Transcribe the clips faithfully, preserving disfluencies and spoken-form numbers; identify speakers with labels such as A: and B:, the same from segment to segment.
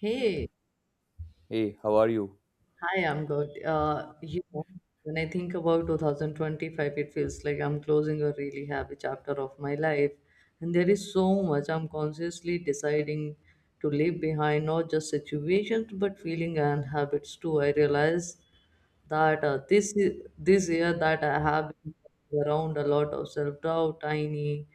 A: Hey,
B: Hey, how are you?
A: hi, I'm good. Uh, you know, when I think about twenty twenty-five, it feels like I'm closing a really happy chapter of my life. And there is so much I'm consciously deciding to leave behind, not just situations, but feeling and habits too. I realize that uh, this y- this year that I have been around a lot of self doubt, tiny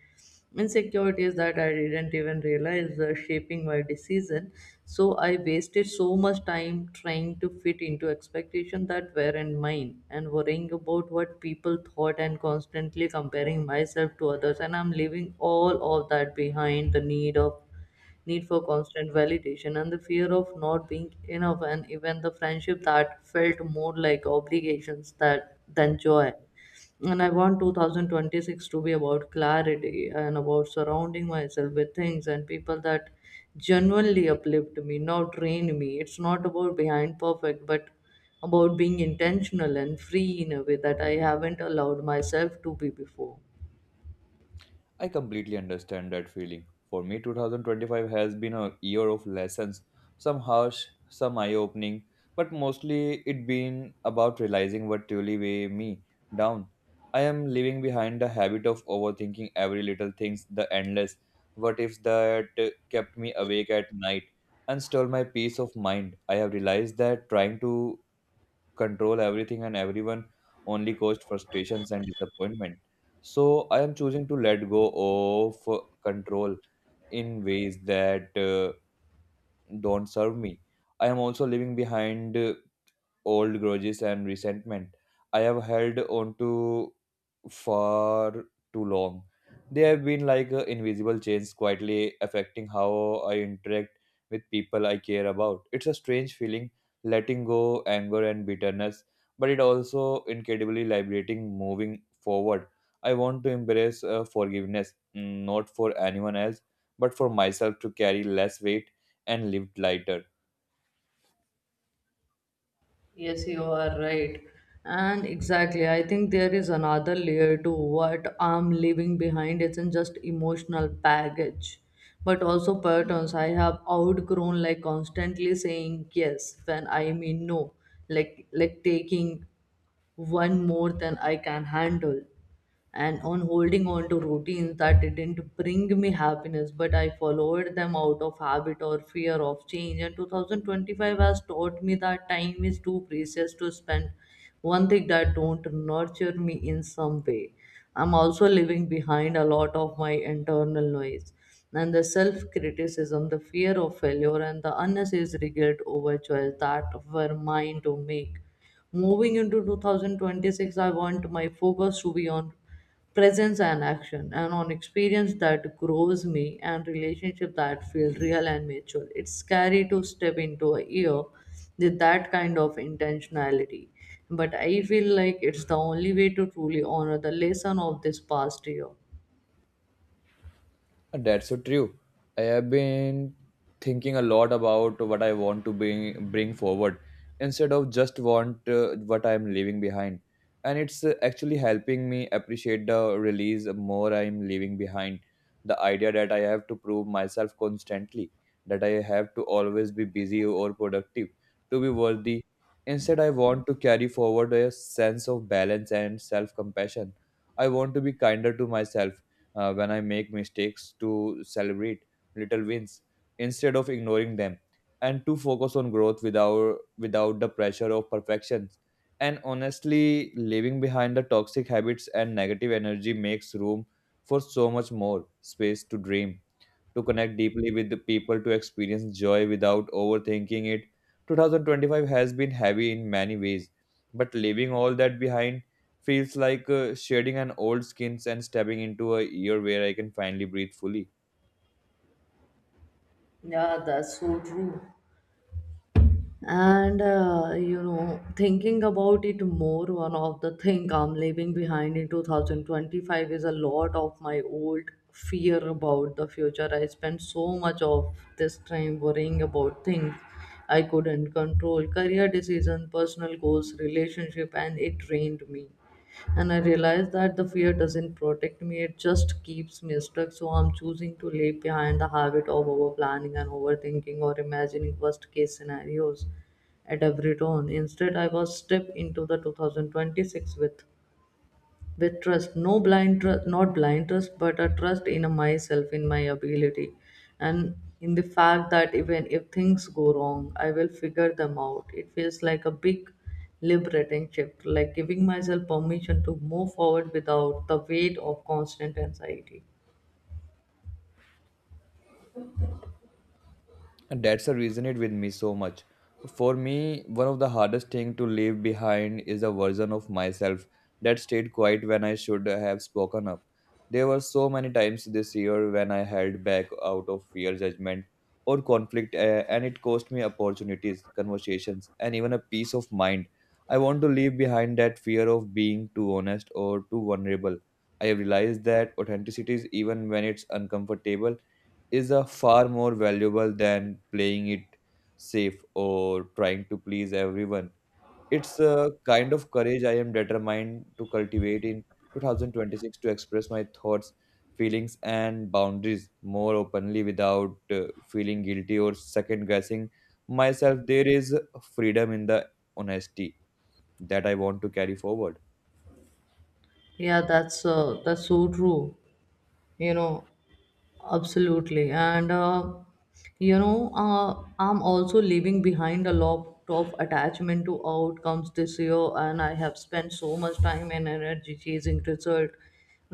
A: insecurities that I didn't even realize were shaping my decision. So I wasted so much time trying to fit into expectations that weren't mine and worrying about what people thought and constantly comparing myself to others. And I'm leaving all of that behind the need of need for constant validation, and the fear of not being enough, and even the friendship that felt more like obligations that than joy. And I want two thousand twenty-six to be about clarity and about surrounding myself with things and people that genuinely uplift me, not drain me. It's not about behind perfect, but about being intentional and free in a way that I haven't allowed myself to be before.
B: I completely understand that feeling. For me, twenty twenty-five has been a year of lessons, some harsh, some eye opening, but mostly it been about realizing what truly weigh me down. I am leaving behind the habit of overthinking every little things, the endless what ifs that uh, kept me awake at night and stole my peace of mind. I have realized that trying to control everything and everyone only caused frustrations and disappointment. So I am choosing to let go of control in ways that uh, don't serve me. I am also leaving behind uh, old grudges and resentment. I have held on to for too long. They have been like uh, invisible chains quietly affecting how I interact with people I care about. It's a strange feeling letting go anger and bitterness, but it also incredibly liberating moving forward. I want to embrace uh, forgiveness, mm, not for anyone else, but for myself to carry less weight and live lighter.
A: Yes, you are right. And exactly, I think there is another layer to what I'm leaving behind. It's not just emotional baggage, but also patterns I have outgrown, like constantly saying yes when I mean no, like like taking one more than I can handle, and on holding on to routines that didn't bring me happiness, but I followed them out of habit or fear of change. And two thousand twenty-five has taught me that time is too precious to spend one thing that don't nurture me in some way. I'm also leaving behind a lot of my internal noise and the self criticism, the fear of failure, and the unnecessary guilt over choice that were mine to make. Moving into two thousand twenty-six, I want my focus to be on presence and action, and on experience that grows me and relationship that feel real and mature. It's scary to step into a year with that kind of intentionality, but I feel like it's the only way to truly honor the lesson of this past year.
B: Uh, That's so true. I have been thinking a lot about what I want to bring bring forward instead of just want uh, what I am leaving behind. And it's uh, actually helping me appreciate the release more I'm leaving behind. The idea that I have to prove myself constantly, that I have to always be busy or productive to be worthy. Instead, I want to carry forward a sense of balance and self compassion. I want to be kinder to myself uh, when I make mistakes to celebrate little wins instead of ignoring them and to focus on growth without without the pressure of perfection, and honestly leaving behind the toxic habits and negative energy makes room for so much more space to dream, to connect deeply with the people, to experience joy without overthinking it. twenty twenty-five has been heavy in many ways, but leaving all that behind feels like uh, shedding an old skins and stepping into a year where I can finally breathe fully.
A: Yeah, that's so true. and uh, you know, thinking about it more, one of the thing I'm leaving behind in two thousand twenty-five is a lot of my old fear about the future. I spent so much of this time worrying about things I couldn't control, career decisions, personal goals, relationship, and it drained me. And I realize that the fear doesn't protect me, it just keeps me stuck. So I'm choosing to leave behind the habit of over planning and overthinking or imagining worst case scenarios at every turn. Instead, I was stepped into the two thousand twenty-six with with trust, no blind trust, not blind trust, but a trust in myself, in my ability, and in the fact that even if things go wrong, I will figure them out. It feels like a big liberating shift, like giving myself permission to move forward without the weight of constant anxiety.
B: And that's the reason it with me so much. For me, one of the hardest thing to leave behind is a version of myself that stayed quiet when I should have spoken up. There were so many times this year when I held back out of fear judgment or conflict, eh, and it cost me opportunities, conversations, and even a peace of mind. I want to leave behind that fear of being too honest or too vulnerable. I have realized that authenticity, is even when it's uncomfortable, is a far more valuable than playing it safe or trying to please everyone. It's a kind of courage I am determined to cultivate in two thousand twenty-six, to express my thoughts, feelings, and boundaries more openly without uh, feeling guilty or second guessing myself. There is freedom in the honesty that I want to carry forward.
A: Yeah that's uh, that's so true, you know. Absolutely and uh, you know uh, I'm also leaving behind a lot of attachment to outcomes this year, and I have spent so much time and energy chasing result,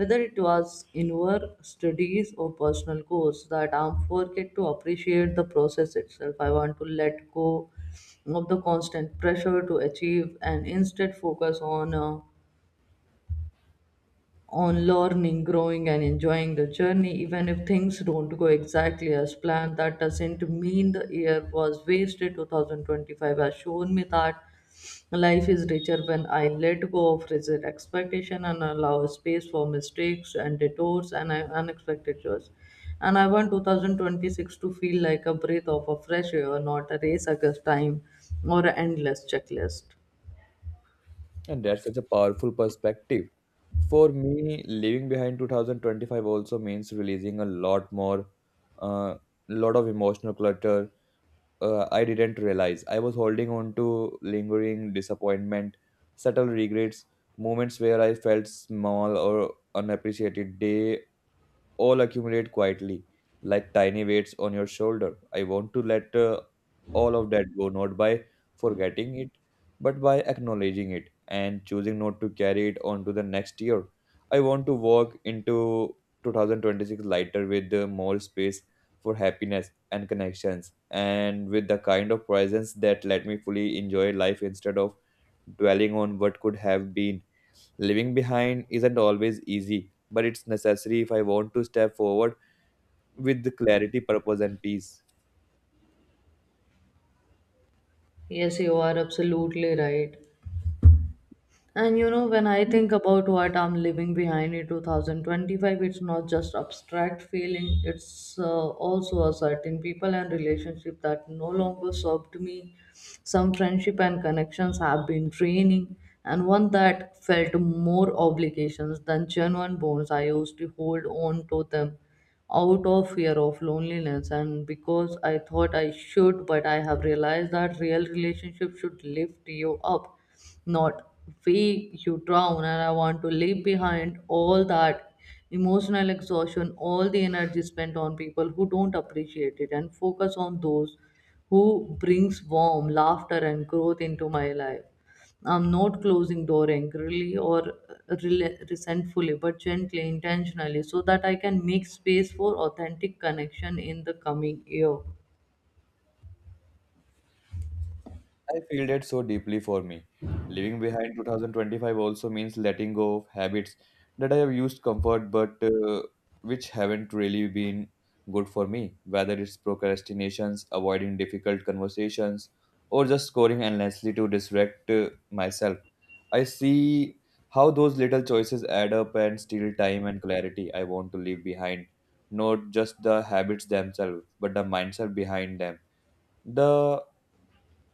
A: whether it was in work, studies, or personal goals, that I'm forget to appreciate the process itself. I want to let go of the constant pressure to achieve, and instead focus on uh, on learning, growing, and enjoying the journey, even if things don't go exactly as planned. That doesn't mean the year was wasted. two thousand twenty-five has shown me that life is richer when I let go of rigid expectation and allow space for mistakes and detours and uh, unexpected joys. And I want two thousand twenty-six to feel like a breath of a fresh air, not a race against time or an endless checklist.
B: And that's such a powerful perspective. For me, leaving behind two thousand twenty-five also means releasing a lot more, uh, lot of emotional clutter. Uh, I didn't realize I was holding on to lingering disappointment, subtle regrets, moments where I felt small or unappreciated. They all accumulate quietly, like tiny weights on your shoulder. I want to let uh, all of that go, not by forgetting it but by acknowledging it and choosing not to carry it on to the next year. I want to walk into two thousand twenty-six lighter with uh, more space for happiness and connections, and with the kind of presence that let me fully enjoy life instead of dwelling on what could have been. Living behind isn't always easy, but it's necessary if I want to step forward with the clarity, purpose, and peace.
A: Yes, you are absolutely right. And you know, when I think about what I'm leaving behind in twenty twenty-five, it's not just abstract feeling, it's uh, also a certain people and relationship that no longer served me. Some friendship and connections have been draining, and one that felt more obligations than genuine bonds. I used to hold on to them out of fear of loneliness and because I thought I should, but I have realized that real relationship should lift you up, not weigh you down. And I want to leave behind all that emotional exhaustion, all the energy spent on people who don't appreciate it, and focus on those who brings warm laughter and growth into my life. I'm not closing door angrily or rel- resentfully, but gently, intentionally, so that I can make space for authentic connection in the coming year.
B: I feel that so deeply for me. Leaving behind twenty twenty-five also means letting go of habits that I have used comfort but uh, which haven't really been good for me, whether it's procrastinations, avoiding difficult conversations, or just scoring endlessly to distract uh, myself. I see how those little choices add up and steal time and clarity I want to leave behind. Not just the habits themselves, but the mindset behind them, the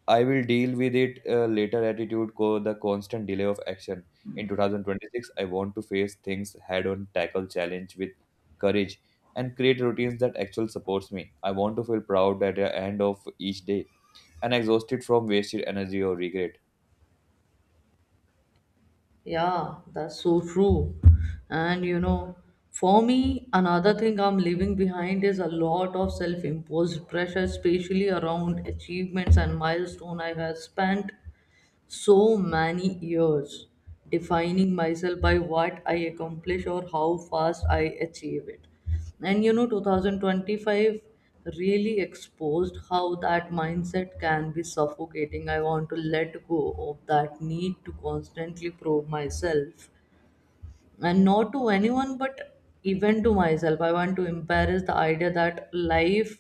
B: I will deal with it uh, later attitude, co- the constant delay of action. In two thousand twenty-six, I want to face things head on, tackle challenge with courage, and create routines that actually supports me. I want to feel proud at the end of each day and exhausted from wasted energy or regret.
A: Yeah, that's so true. And you know, for me, another thing I'm leaving behind is a lot of self imposed pressure, especially around achievements and milestone. I have spent so many years defining myself by what I accomplish or how fast I achieve it. And you know, two thousand twenty-five really exposed how that mindset can be suffocating. I want to let go of that need to constantly prove myself, and not to anyone but even to myself. I want to embrace the idea that life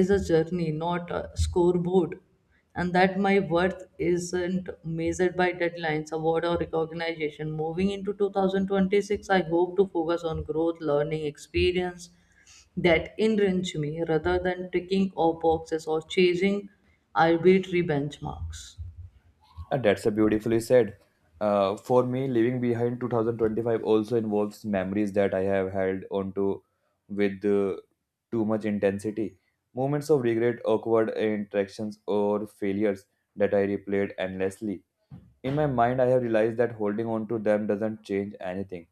A: is a journey, not a scoreboard, and that my worth isn't measured by deadlines, award, or recognition. Moving into two thousand twenty-six, I hope to focus on growth, learning experience that enrich me, rather than ticking off boxes or chasing arbitrary benchmarks.
B: And that's a beautifully said. Uh, for me, leaving behind two thousand twenty-five also involves memories that I have held onto with uh, too much intensity. Moments of regret, awkward interactions, or failures that I replayed endlessly. In my mind, I have realized that holding on to them doesn't change anything.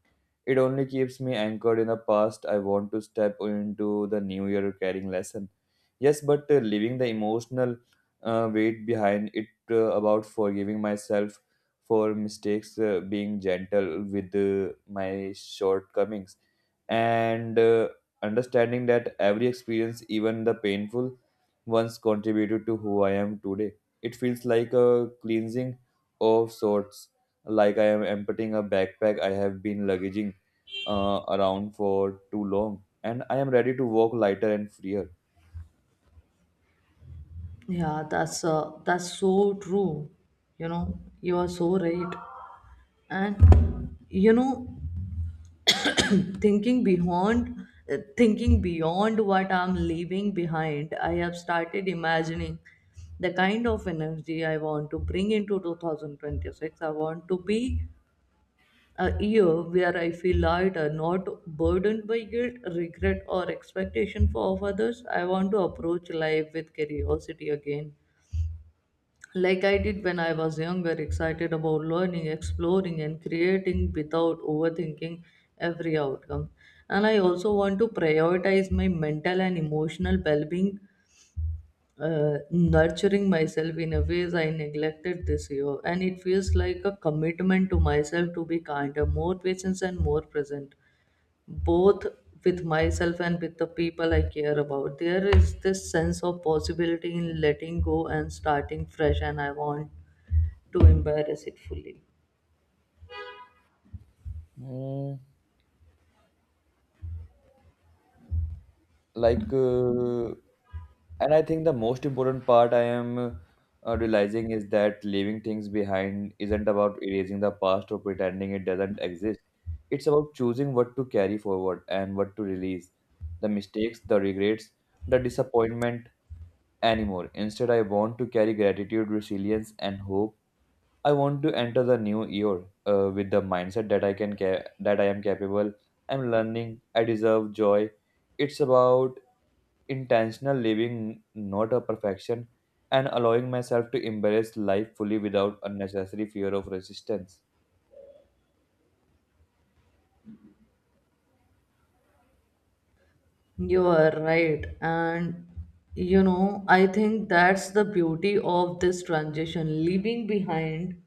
B: It only keeps me anchored in the past. I want to step into the new year carrying lesson. Yes, but uh, leaving the emotional uh, weight behind it, uh, about forgiving myself for mistakes, uh, being gentle with uh, my shortcomings, and uh, understanding that every experience, even the painful ones, contributed to who I am today. It feels like a cleansing of sorts, like I am emptying a backpack I have been luggaging uh, around for too long, and I am ready to walk lighter and freer.
A: Yeah that's uh, that's so true, you know. You are so right. And you know, thinking beyond uh, thinking beyond what I'm leaving behind, I have started imagining the kind of energy I want to bring into twenty twenty-six. I want to be a year where I feel lighter, not burdened by guilt, regret, or expectation for of others. I want to approach life with curiosity again, like I did when I was younger, excited about learning, exploring, and creating without overthinking every outcome. And I also want to prioritize my mental and emotional well being, uh, nurturing myself in a ways I neglected this year. And it feels like a commitment to myself to be kinder, more patient, and more present, both with myself and with the people I care about. There is this sense of possibility in letting go and starting fresh, and I want to embarrass it fully.
B: Mm, like, uh, and I think the most important part I am uh, realizing is that leaving things behind isn't about erasing the past or pretending it doesn't exist. It's about choosing what to carry forward and what to release. The mistakes, the regrets, the disappointment, anymore. Instead, I want to carry gratitude, resilience, and hope. I want to enter the new year uh, with the mindset that I can ca- that I am capable. I'm learning. I deserve joy. It's about intentional living, not a perfection, and allowing myself to embrace life fully without unnecessary fear of resistance.
A: You are right. And you know, I think that's the beauty of this transition. Leaving behind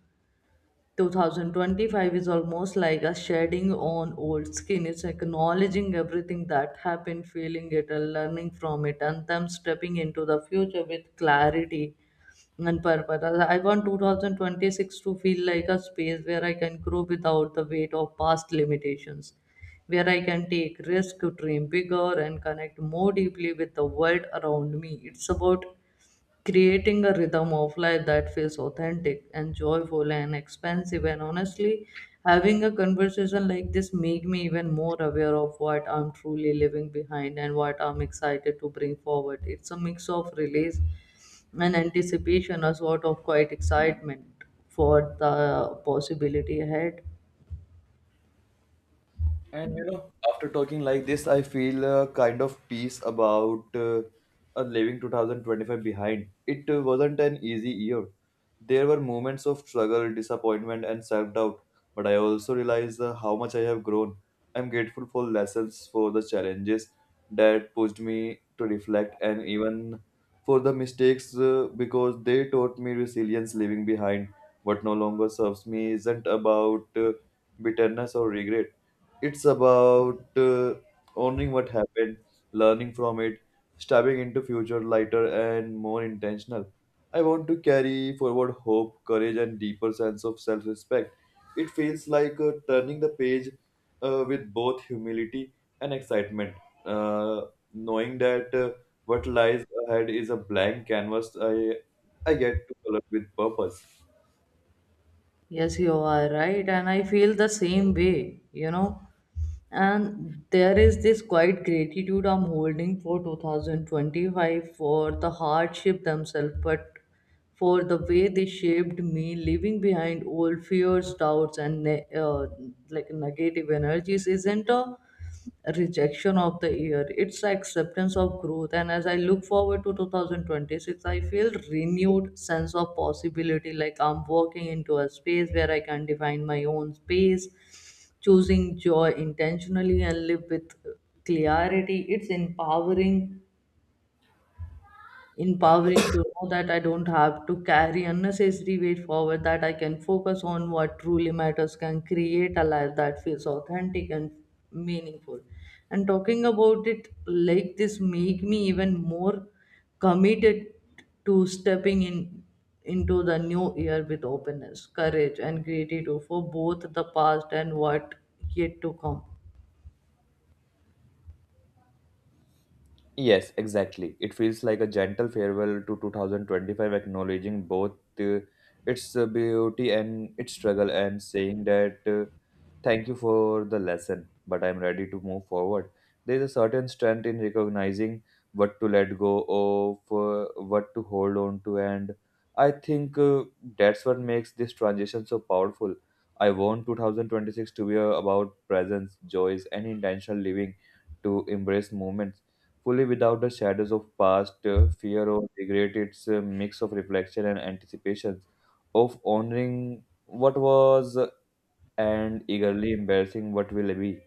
A: two thousand twenty-five is almost like a shedding on old skin. It's acknowledging everything that happened, feeling it, and learning from it, and then stepping into the future with clarity and purpose. I want two thousand twenty-six to feel like a space where I can grow without the weight of past limitations, where I can take risk, dream bigger, and connect more deeply with the world around me. It's about creating a rhythm of life that feels authentic and joyful and expansive. And honestly, having a conversation like this make me even more aware of what I'm truly leaving behind and what I'm excited to bring forward. It's a mix of release and anticipation, a sort of quiet excitement for the possibility ahead.
B: And you know, after talking like this, I feel a kind of peace about uh, uh, leaving two thousand twenty-five behind. It uh, wasn't an easy year. There were moments of struggle, disappointment, and self doubt, but I also realized uh, how much I have grown. I'm grateful for lessons, for the challenges that pushed me to reflect, and even for the mistakes uh, because they taught me resilience. Leaving behind what no longer serves me isn't about uh, bitterness or regret. It's about uh, owning what happened, learning from it, stepping into future lighter and more intentional. I want to carry forward hope, courage, and deeper sense of self-respect. It feels like uh, turning the page uh, with both humility and excitement, uh, knowing that uh, what lies ahead is a blank canvas I I get to color with purpose.
A: Yes, you are right, and I feel the same way, you know. And there is this quiet gratitude I'm holding for two thousand twenty-five, for the hardship themselves, but for the way they shaped me. Leaving behind all fears, doubts, and ne- uh, like negative energies isn't a rejection of the year, it's acceptance of growth. And as I look forward to two thousand twenty-six, I feel renewed sense of possibility, like I'm walking into a space where I can define my own space, choosing joy intentionally and live with clarity. It's empowering empowering to know that I don't have to carry unnecessary weight forward, that I can focus on what truly matters, can create a life that feels authentic and meaningful. And talking about it like this make me even more committed to stepping in into the new year with openness, courage, and gratitude for both the past and what yet to come.
B: Yes, exactly. It feels like a gentle farewell to two thousand twenty-five, acknowledging both uh, its uh, beauty and its struggle, and saying that, uh, thank you for the lesson, but I'm ready to move forward. There is a certain strength in recognizing what to let go of, uh, what to hold on to, and I think uh, that's what makes this transition so powerful. I want two thousand twenty-six to be uh, about presence, joys, and intentional living, to embrace moments fully without the shadows of past, uh, fear, or regret. It's a mix of reflection and anticipations, of honoring what was and eagerly embracing what will be.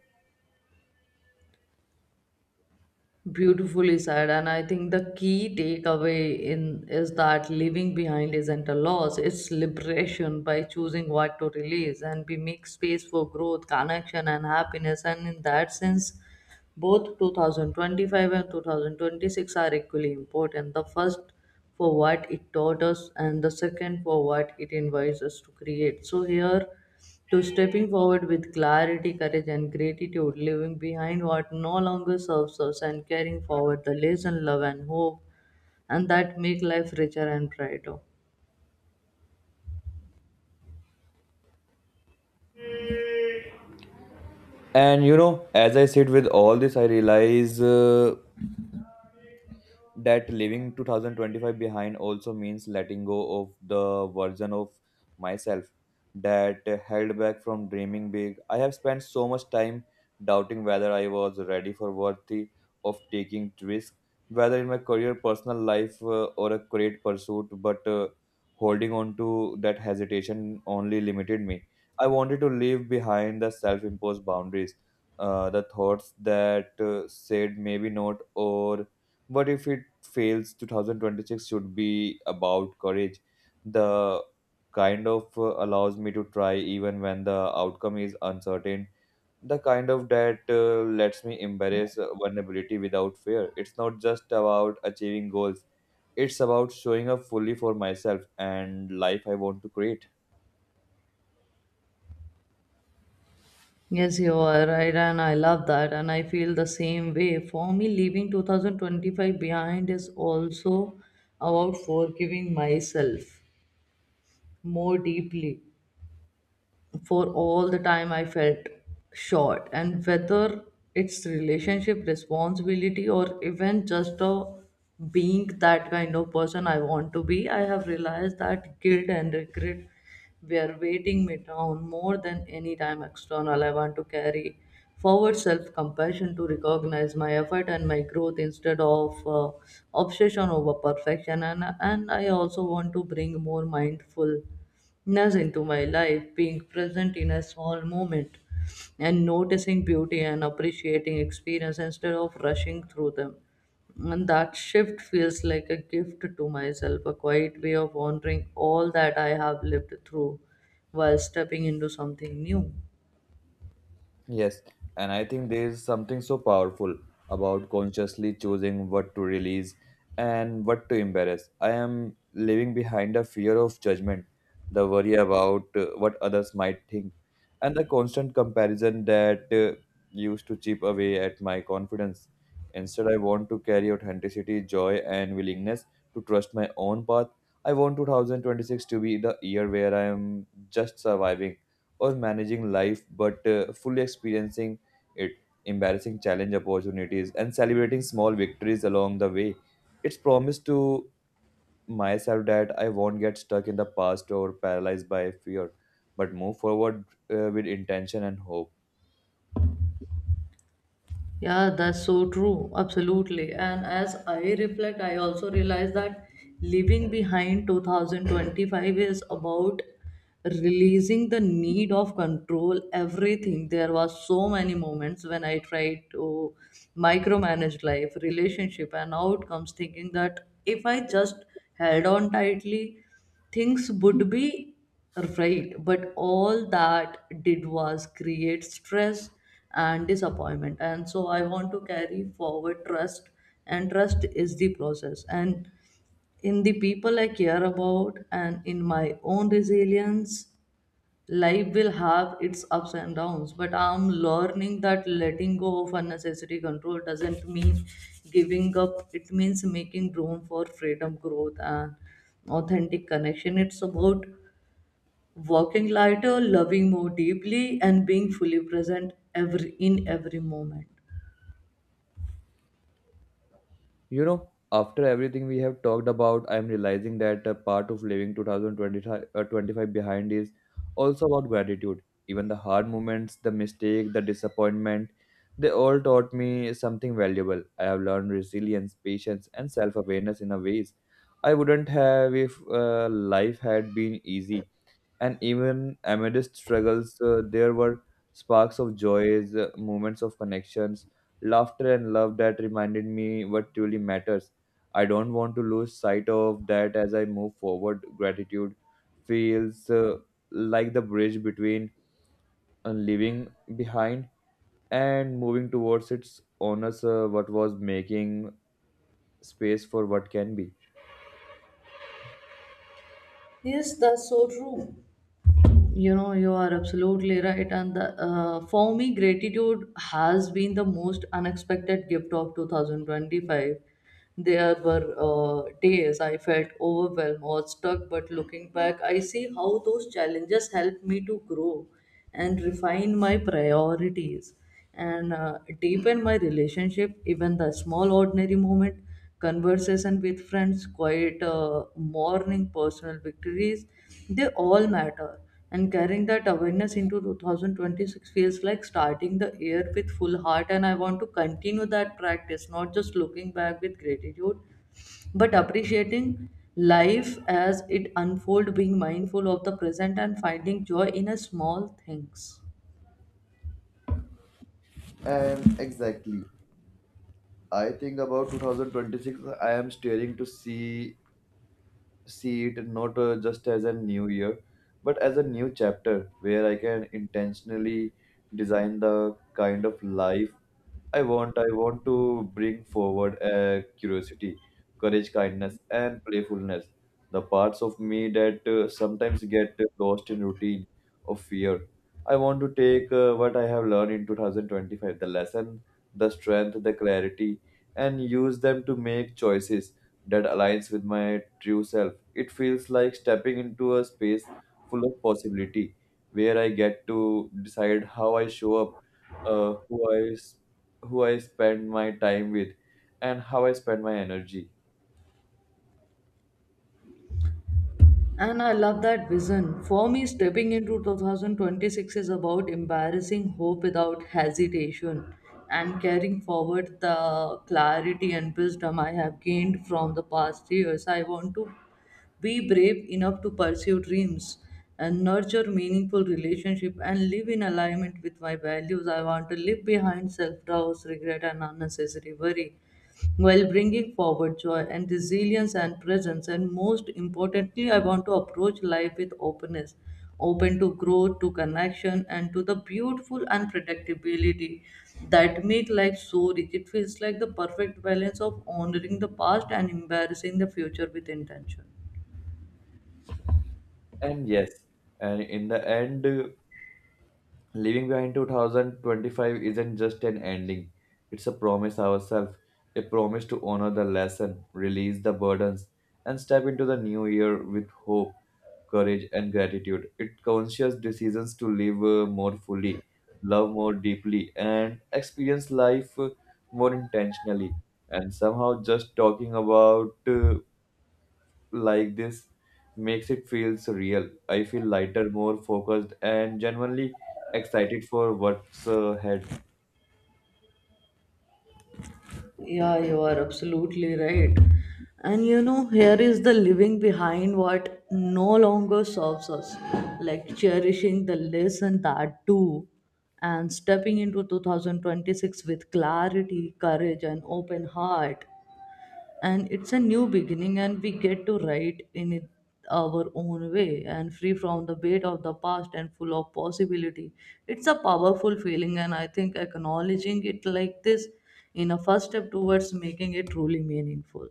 A: Beautifully said, and I think the key takeaway in is that leaving behind isn't a loss; it's liberation by choosing what to release, and we make space for growth, connection, and happiness. And in that sense, both twenty twenty-five and two thousand twenty-six are equally important, the first for what it taught us and the second for what it invites us to create. So, here to stepping forward with clarity, courage, and gratitude, leaving behind what no longer serves us, and carrying forward the lesson, love, and hope, and that make life richer and brighter.
B: And you know, as I sit with all this, I realize uh, that leaving two thousand twenty-five behind also means letting go of the version of myself that held back from dreaming big. I have spent so much time doubting whether I was ready for worthy of taking risk, whether in my career, personal life, uh, or a great pursuit. But uh, holding on to that hesitation only limited me. I wanted to leave behind the self-imposed boundaries, uh, the thoughts that uh, said maybe not, or what if it fails. two thousand twenty-six should be about courage, the kind of uh, allows me to try even when the outcome is uncertain, the kind of that uh, lets me embrace uh, vulnerability without fear. It's not just about achieving goals, it's about showing up fully for myself and life I want to create.
A: Yes, you are right, and I love that, and I feel the same way. For me, leaving two thousand twenty-five behind is also about forgiving myself more deeply for all the time I felt short, and whether it's relationship responsibility or even just a being that kind of person I want to be, I have realized that guilt and regret were weighting me down more than any time external. I want to carry forward self compassion to recognize my effort and my growth instead of uh, obsession over perfection. And, and I also want to bring more mindful ness into my life, being present in a small moment and noticing beauty and appreciating experience instead of rushing through them. And that shift feels like a gift to myself, a quiet way of honoring all that I have lived through while stepping into something new.
B: Yes, and I think there is something so powerful about consciously choosing what to release and what to embarrass. I am living behind a fear of judgment, the worry about uh, what others might think, and the constant comparison that uh, used to chip away at my confidence. Instead, I want to carry authenticity, joy, and willingness to trust my own path. I want two thousand twenty-six to be the year where I am just surviving or managing life, but uh, fully experiencing it, embarrassing challenge opportunities, and celebrating small victories along the way. It's promised to myself that I won't get stuck in the past or paralyzed by fear, but move forward uh, with intention and hope.
A: Yeah, that's so true. Absolutely. And as I reflect, I also realize that leaving behind two thousand twenty-five is about releasing the need of control everything. There was so many moments when I tried to micromanage life, relationship, and outcomes, thinking that if I just held on tightly, things would be right, but all that did was create stress and disappointment. And so I want to carry forward trust, and trust is the process. And in the people I care about, and in my own resilience, life will have its ups and downs, but I'm learning that letting go of unnecessary control doesn't mean giving up. It means making room for freedom, growth, and authentic connection. It's about walking lighter, loving more deeply, and being fully present every in every moment.
B: You know, after everything we have talked about, I'm realizing that a part of leaving twenty twenty-five uh, twenty-five behind is also about gratitude. Even the hard moments, the mistake, the disappointment, they all taught me something valuable. I have learned resilience, patience, and self awareness in a ways I wouldn't have if uh, life had been easy and even amidst struggles, uh, there were sparks of joys, uh, moments of connections, laughter, and love that reminded me what truly matters. I don't want to lose sight of that as I move forward. Gratitude feels uh, like the bridge between uh, leaving behind and moving towards its owners, uh, what was making space for what can be.
A: Yes, that's so true. You know, you are absolutely right. And the, uh, for me, gratitude has been the most unexpected gift of two thousand twenty-five. There were uh, days I felt overwhelmed or stuck, but looking back, I see how those challenges helped me to grow and refine my priorities and uh, deepen my relationship, even the small ordinary moment, conversation with friends, quiet uh, morning, personal victories. They all matter, and carrying that awareness into two thousand twenty-six feels like starting the year with full heart. And I want to continue that practice, not just looking back with gratitude, but appreciating life as it unfolds, being mindful of the present and finding joy in a small things.
B: And exactly, I think about two thousand twenty-six, I am staring to see see it not uh, just as a new year, but as a new chapter where I can intentionally design the kind of life I want I want to bring forward uh, curiosity, courage, kindness, and playfulness. The parts of me that uh, sometimes get lost in routine of fear. I want to take uh, what I have learned in twenty twenty-five, the lesson, the strength, the clarity, and use them to make choices that aligns with my true self. It feels like stepping into a space full of possibility, where I get to decide how I show up, uh, who I s- who I spend my time with and how I spend my energy.
A: And I love that vision. For me, stepping into two thousand twenty-six is about embarrassing hope without hesitation and carrying forward the clarity and wisdom I have gained from the past years. I want to be brave enough to pursue dreams and nurture meaningful relationship and live in alignment with my values. I want to leave behind self doubts, regret, and unnecessary worry while bringing forward joy and resilience and presence. And most importantly, I want to approach life with openness, open to growth, to connection, and to the beautiful unpredictability that make life so rich. It feels like the perfect balance of honoring the past and embracing the future with intention.
B: And yes, and in the end, uh, leaving behind two thousand twenty-five isn't just an ending, it's a promise ourselves, a promise to honor the lesson, release the burdens, and step into the new year with hope, courage, and gratitude. It conscious decisions to live uh, more fully, love more deeply, and experience life uh, more intentionally. And somehow, just talking about uh, like this makes it feels real. I feel lighter, more focused, and genuinely excited for what's uh, ahead.
A: Yeah, you are absolutely right. And you know, here is the living behind what no longer serves us, like cherishing the less and that too, and stepping into two thousand twenty-six with clarity, courage, and open heart. And it's a new beginning, and we get to write in it our own way and free from the weight of the past and full of possibility. It's a powerful feeling, and I think acknowledging it like this in a first step towards making it truly meaningful.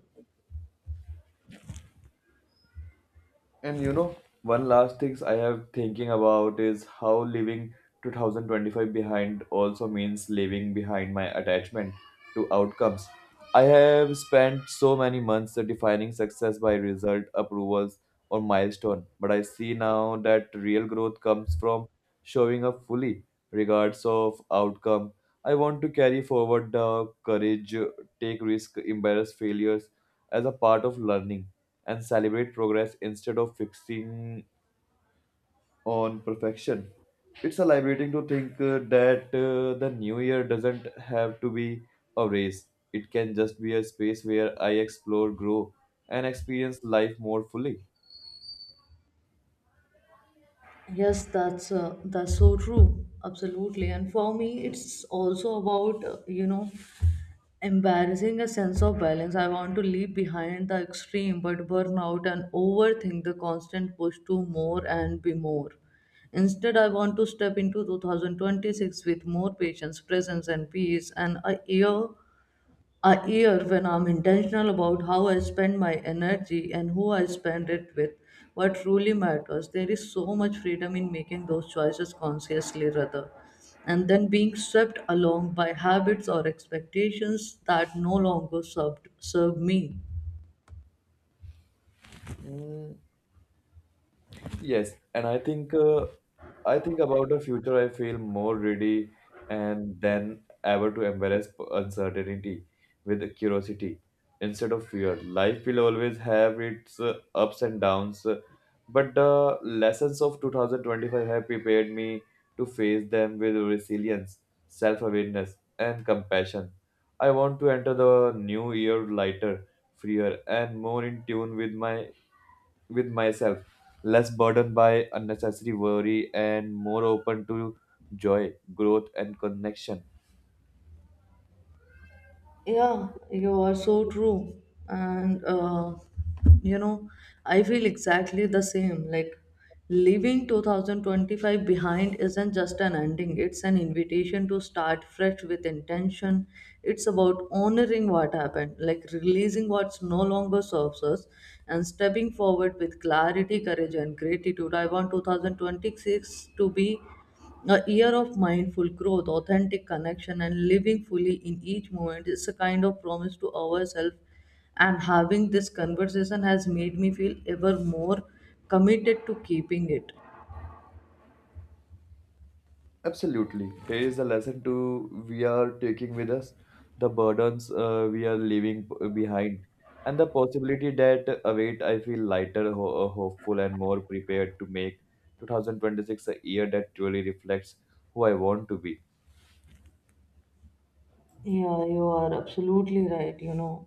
B: And you know, one last things I have thinking about is how leaving two thousand twenty-five behind also means leaving behind my attachment to outcomes. I have spent so many months defining success by result, approvals, or milestone, but I see now that real growth comes from showing up fully, regardless of outcome. I want to carry forward the courage take risks, embrace failures as a part of learning, and celebrate progress instead of fixing on perfection. It's a liberating to think uh, that uh, the new year doesn't have to be a race. It can just be a space where I explore, grow, and experience life more fully.
A: Yes, that's uh, that's so true. Absolutely. And for me, it's also about, uh, you know, embarrassing a sense of balance. I want to leave behind the extreme, but burnout and overthink the constant push to more and be more. Instead, I want to step into two thousand twenty-six with more patience, presence, and peace, and a year a year when I'm intentional about how I spend my energy and who I spend it with, what truly matters. There is so much freedom in making those choices consciously rather and then being swept along by habits or expectations that no longer served serve me.
B: Mm, yes, and I think uh, I think about the future. I feel more ready and than ever to embrace p- uncertainty with curiosity instead of fear. Life will always have its uh, ups and downs, uh, but the lessons of twenty twenty-five have prepared me to face them with resilience, self-awareness, and compassion. I want to enter the new year lighter, freer, and more in tune with my with myself, less burdened by unnecessary worry and more open to joy, growth, and connection.
A: Yeah, you are so true. And, uh, you know, I feel exactly the same. Like, leaving twenty twenty-five behind isn't just an ending, it's an invitation to start fresh with intention. It's about honoring what happened, like releasing what's no longer serves us, and stepping forward with clarity, courage, and gratitude. I want two thousand twenty-six to be a year of mindful growth, authentic connection, and living fully in each moment is a kind of promise to ourselves. And having this conversation has made me feel ever more committed to keeping it.
B: Absolutely. Here is the lesson to we are taking with us, the burdens uh, we are leaving p- behind, and the possibility that await. I feel lighter, ho- uh, hopeful, and more prepared to make two thousand twenty-six a year that truly reflects who I want to be.
A: Yeah, you are absolutely right, you know.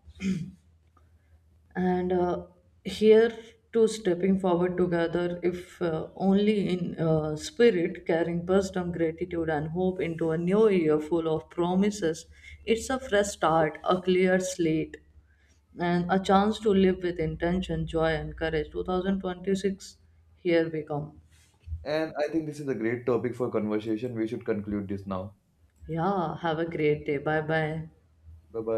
A: And uh, here to stepping forward together, if uh, only in uh, spirit, carrying wisdom, gratitude, and hope into a new year full of promises. It's a fresh start, a clear slate, and a chance to live with intention, joy, and courage. two thousand twenty-six, here we come.
B: And I think this is a great topic for conversation. We should conclude this now.
A: Yeah, have a great day. Bye bye.
B: Bye bye.